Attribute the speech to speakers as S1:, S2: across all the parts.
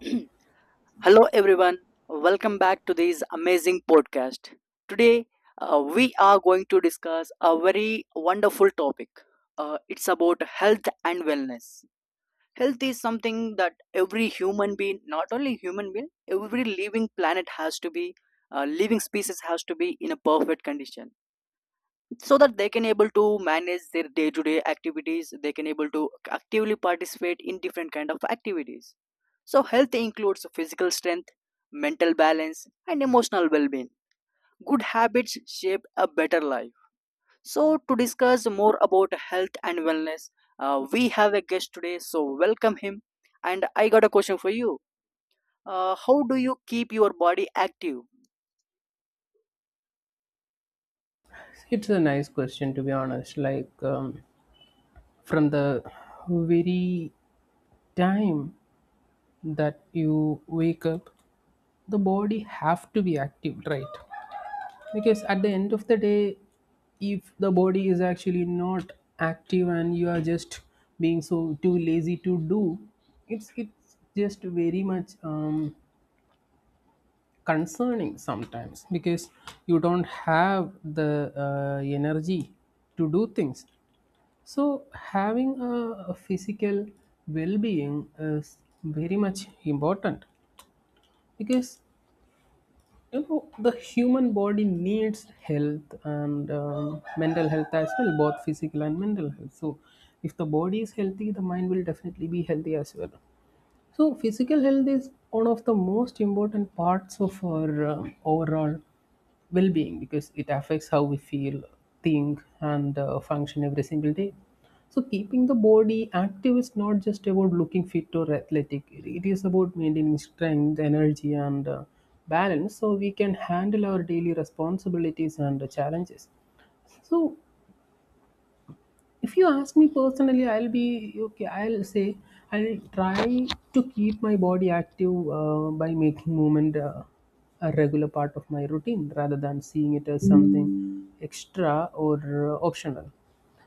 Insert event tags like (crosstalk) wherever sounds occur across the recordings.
S1: (clears throat) Hello, everyone. Welcome back to this amazing podcast. Today, we are going to discuss a very wonderful topic. It's about health and wellness. Health is something that every human being, not only human being, every living planet has to be, living species has to be in a perfect condition so that they can able to manage their day to day activities, they can able to actively participate in different kind of activities. So health includes physical strength, mental balance and emotional well being. Good habits shape a better life. So to discuss more about health and wellness, we have a guest today, so welcome him. And I got a question for you. How do you keep your body active?
S2: It's a nice question, to be honest. From the very time that you wake up, the body have to be active, right? Because at the end of the day, if the body is actually not active and you are just being so too lazy to do, it's just very much concerning sometimes because you don't have the energy to do things. So, having a physical well being is very much important because you know the human body needs health and mental health as well, both physical and mental health. So, if the body is healthy, the mind will definitely be healthy as well. So physical health is one of the most important parts of our overall well-being because it affects how we feel, think, and function every single day. So keeping the body active is not just about looking fit or athletic. It is about maintaining strength, energy, and balance so we can handle our daily responsibilities and challenges. So if you ask me personally, I'll be okay. I'll say I'll try to keep my body active by making movement a regular part of my routine rather than seeing it as something extra or optional.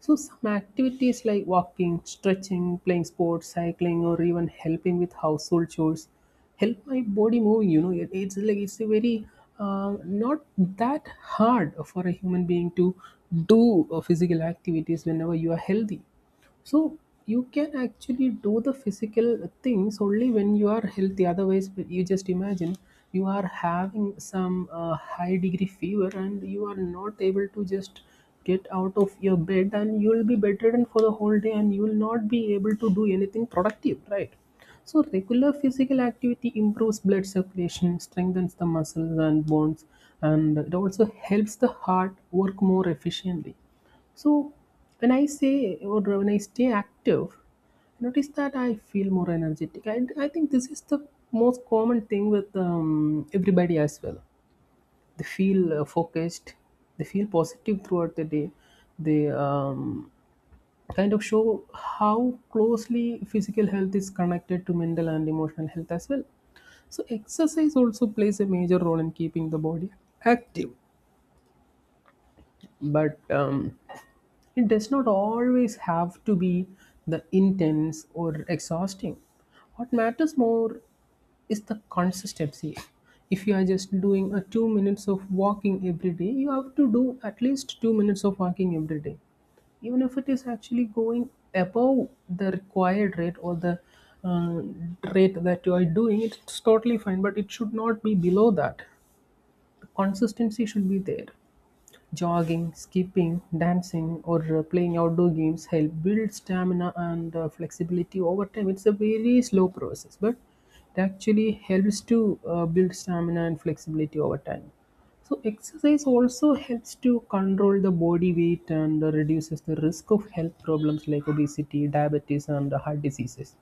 S2: So, some activities like walking, stretching, playing sports, cycling, or even helping with household chores help my body move. You know, it's like it's a very not that hard for a human being to do physical activities whenever you are healthy. So you can actually do the physical things only when you are healthy. Otherwise, you just imagine you are having some high degree fever and you are not able to just get out of your bed and you will be bedridden for the whole day and you will not be able to do anything productive, right? So regular physical activity improves blood circulation, strengthens the muscles and bones, and it also helps the heart work more efficiently. So when I say or when I stay active, I notice that I feel more energetic. I think this is the most common thing with everybody as well. They feel focused, they feel positive throughout the day. They kind of show how closely physical health is connected to mental and emotional health as well. So exercise also plays a major role in keeping the body active. But It does not always have to be the intense or exhausting. What matters more is the consistency. If you are just doing a 2 minutes of walking every day, you have to do at least 2 minutes of walking every day. Even if it is actually going above the required rate or the uh, rate that you are doing, it's totally fine, but it should not be below that. The consistency should be there. Jogging, skipping, dancing, or playing outdoor games help build stamina and flexibility over time. It's a very slow process, but it actually helps to build stamina and flexibility over time. So exercise also helps to control the body weight and reduces the risk of health problems like obesity, diabetes, and heart diseases.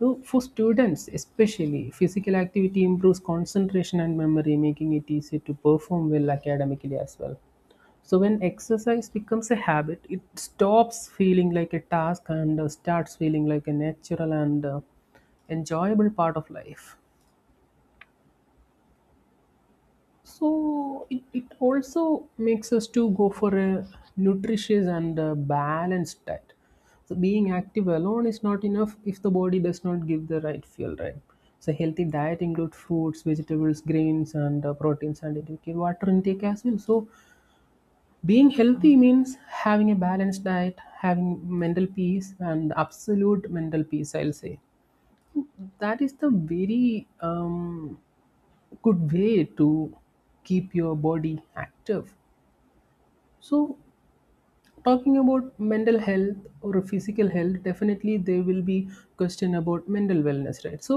S2: So for students, especially, physical activity improves concentration and memory, making it easier to perform well academically as well. So when exercise becomes a habit, it stops feeling like a task and starts feeling like a natural and enjoyable part of life. So it also makes us to go for a nutritious and a balanced diet. So being active alone is not enough if the body does not give the right fuel, right? So healthy diet includes fruits, vegetables, grains, and proteins, and it includes water intake as well. So being healthy means having a balanced diet, having mental peace, and absolute mental peace. I'll say that is the very good way to keep your body active. So talking about mental health or physical health, definitely there will be question about mental wellness, right? So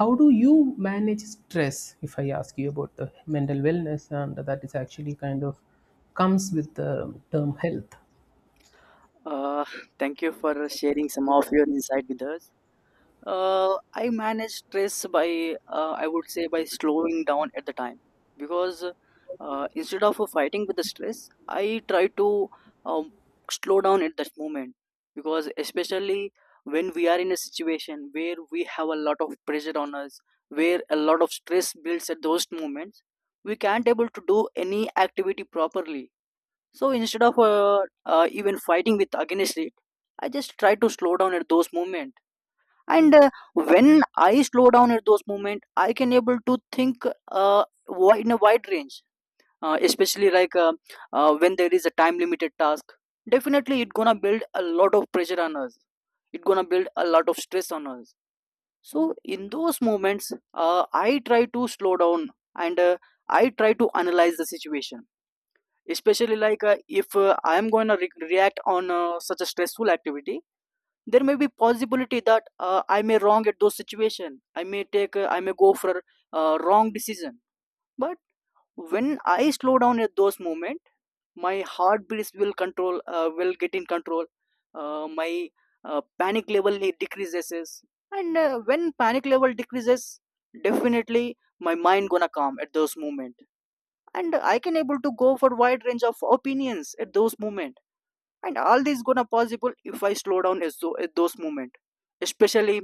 S2: how do you manage stress if I ask you about the mental wellness? And that is actually kind of comes with the term health.
S1: uh, (laughs) Thank you for sharing some of your insight with us. I manage stress by, I would say, by slowing down at the time because instead of fighting with the stress, I try to um, slow down at that moment because especially when we are in a situation where we have a lot of pressure on us, where a lot of stress builds at those moments, we can't able to do any activity properly. So instead of even fighting with against it, I just try to slow down at those moments. And when I slow down at those moments I can able to think in a wide range. Especially when there is a time limited task, definitely it gonna build a lot of pressure on us, it gonna build a lot of stress on us. So in those moments I try to slow down and I try to analyze the situation. Especially if I am going to react on such a stressful activity, there may be possibility that I may wrong at those situation, I may take I may go for wrong decision. But when I slow down at those moment, my heartbeats will control will get in control. My panic level decreases. And when panic level decreases, definitely my mind gonna calm at those moment, and I can able to go for wide range of opinions at those moment. And all this gonna possible if I slow down at those moment. Especially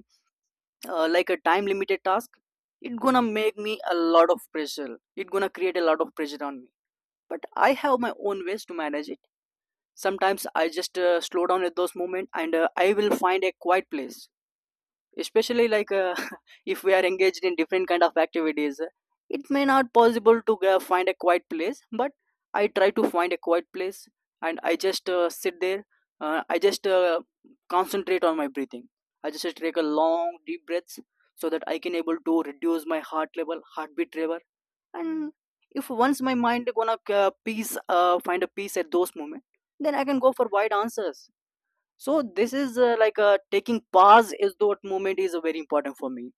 S1: like a time limited task, it gonna make me a lot of pressure, it gonna create a lot of pressure on me. But I have my own ways to manage it. Sometimes I just slow down at those moment and I will find a quiet place. Especially (laughs) if we are engaged in different kind of activities, it may not possible to go find a quiet place, but I try to find a quiet place and I just sit there. I just concentrate on my breathing. I just take a long deep breaths so that I can able to reduce my heartbeat level. And if once my mind gonna peace find a peace at those moment, then I can go for wide answers. So this is like a taking pause is that moment is very important for me.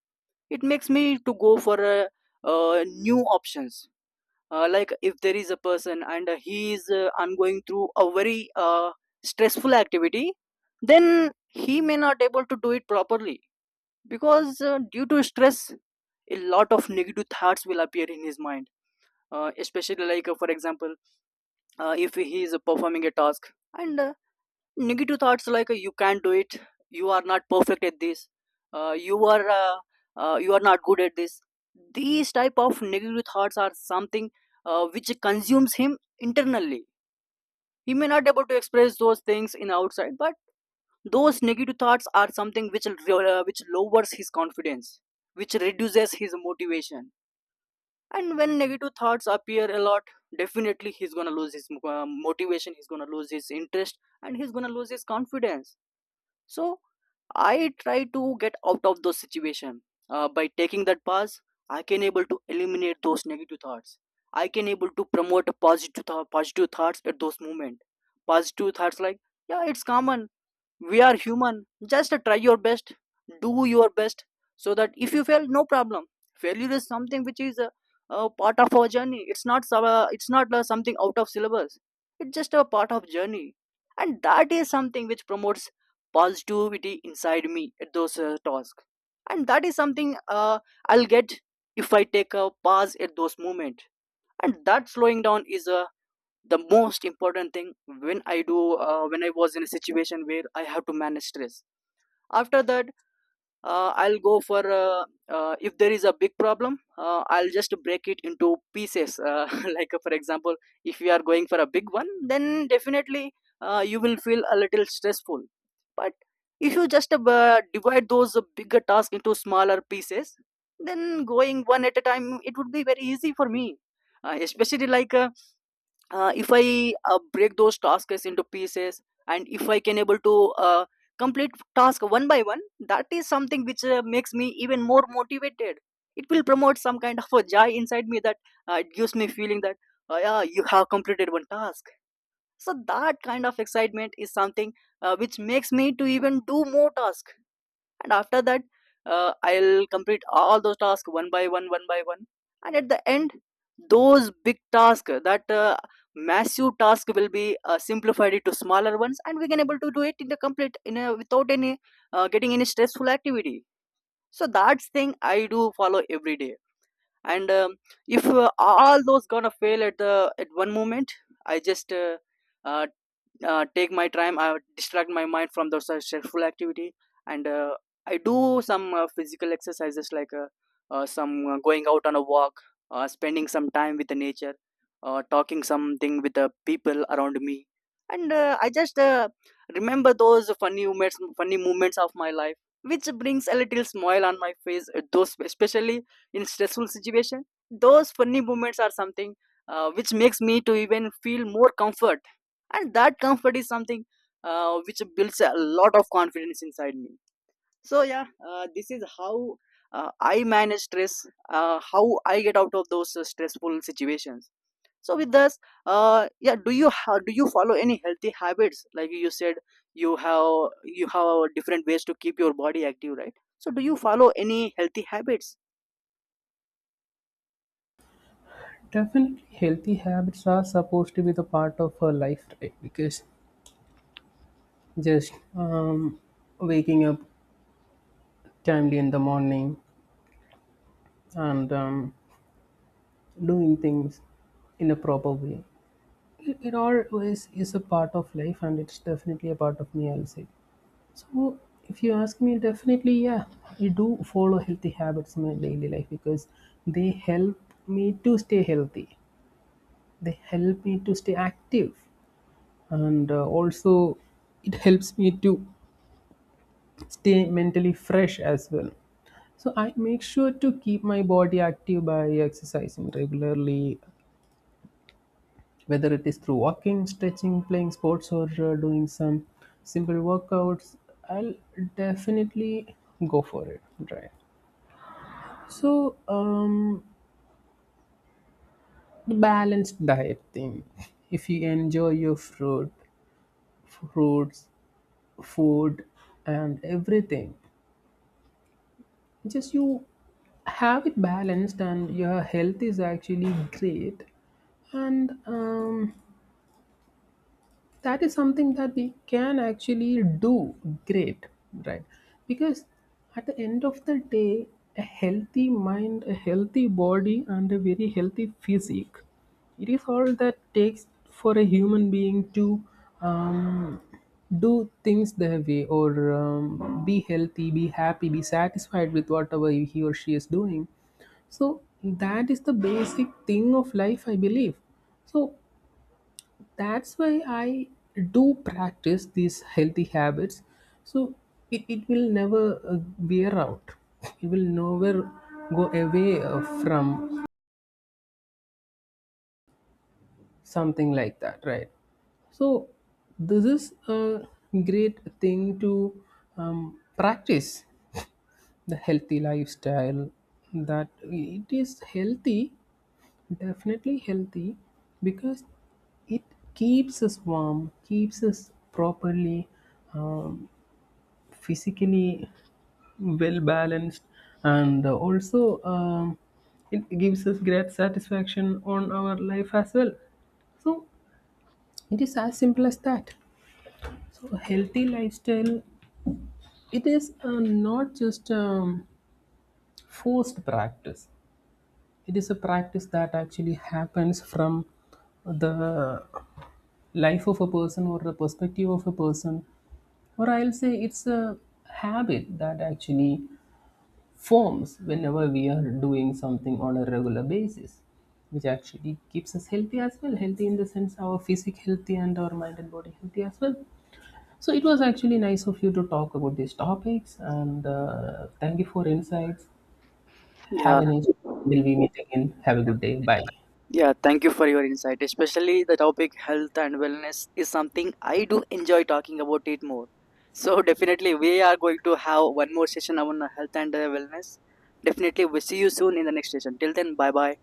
S1: It makes me to go for new options. Like if there is a person and he is going through a very stressful activity, then he may not able to do it properly because due to stress, a lot of negative thoughts will appear in his mind. Especially like For example, if he is performing a task and negative thoughts like you can't do it, you are not perfect at this, uh, you are uh, you are not good at this. These type of negative thoughts are something which consumes him internally. He may not able to express those things in outside, but those negative thoughts are something which lowers his confidence, which reduces his motivation. And when negative thoughts appear a lot, definitely he's gonna lose his motivation, he's gonna lose his interest, and he's gonna lose his confidence. So I try to get out of those situation. By taking that pause, I can able to eliminate those negative thoughts. I can able to promote a positive thoughts at those moment. Positive thoughts like yeah, it's common, we are human, just try your best, do your best so that if you fail no problem. Failure is something which is a part of our journey, it's not some- it's not something out of syllabus, it's just a part of journey. And that is something which promotes positivity inside me at those tasks. And that is something I'll get if I take a pause at those moment. And that slowing down is a the most important thing when I do when I was in a situation where I have to manage stress. After that I'll go for if there is a big problem, I'll just break it into pieces. (laughs) Like for example, if you are going for a big one, then definitely you will feel a little stressful. But if you just divide those bigger tasks into smaller pieces, then going one at a time it would be very easy for me. Especially if I break those tasks into pieces, and if I can able to uh, complete task one by one, that is something which makes me even more motivated. It will promote some kind of a joy inside me that it gives me feeling that yeah, you have completed one task. So that kind of excitement is something which makes me to even do more task. And after that I'll complete all those tasks one by one one by one. And at the end, those big tasks that massive task will be simplified into smaller ones and we can able to do it in the complete in a, without any getting any stressful activity. So that's thing I do follow every day. And if all those gonna fail at the at one moment, I just uh, take my time, I distract my mind from those stressful activity. And I do some physical exercises like some going out on a walk, spending some time with the nature, talking something with the people around me. And I just remember those funny moments of my life which brings a little smile on my face. Those especially in stressful situation, those funny moments are something which makes me to even feel more comfort. And that comfort is something which builds a lot of confidence inside me. So yeah, this is how I manage stress, how I get out of those stressful situations. So with this yeah, do you follow any healthy habits? Like you said, you have different ways to keep your body active, right? So do you follow any healthy habits?
S2: Definitely healthy habits are supposed to be the part of her life, right? Because just waking up timely in the morning and doing things in a proper way. It always is a part of life and it's definitely a part of me, I'll say. So, if you ask me, definitely, yeah, I do follow healthy habits in my daily life because they help me to stay healthy, they help me to stay active, and also it helps me to stay mentally fresh as well. So, I make sure to keep my body active by exercising regularly, whether it is through walking, stretching, playing sports, or doing some simple workouts. I'll definitely go for it, right? So um, the balanced diet thing, if you enjoy your fruits food and everything, just you have it balanced and your health is actually great. And um, that is something that we can actually do great, right? Because at the end of the day, a healthy mind, a healthy body, and a very healthy physique, it is all that takes for a human being to um, do things their way, or be healthy, be happy, be satisfied with whatever he or she is doing. So that is the basic thing of life, I believe. So that's why I do practice these healthy habits. So it will never wear out, it will never go away from something like that, right? So this is a great thing to practice the healthy lifestyle, that it is healthy, definitely healthy, because it keeps us warm, keeps us properly um, physically well balanced, and also it gives us great satisfaction on our life as well. So it is as simple as that. So a healthy lifestyle, it is not just forced practice. It is a practice that actually happens from the life of a person or the perspective of a person, or I'll say it's a habit that actually forms whenever we are doing something on a regular basis, which actually keeps us healthy as well, healthy in the sense our physique healthy and our mind and body healthy as well. So it was actually nice of you to talk about these topics and thank you for insights. Have
S1: Yeah.
S2: a nice day. Till we meet again, have a good day. Bye.
S1: Yeah, thank you for your insight. Especially the topic health and wellness is something I do enjoy talking about it more. (laughs) So definitely we are going to have one more session on health and wellness. Definitely we see you soon in the next session. Till then, bye bye.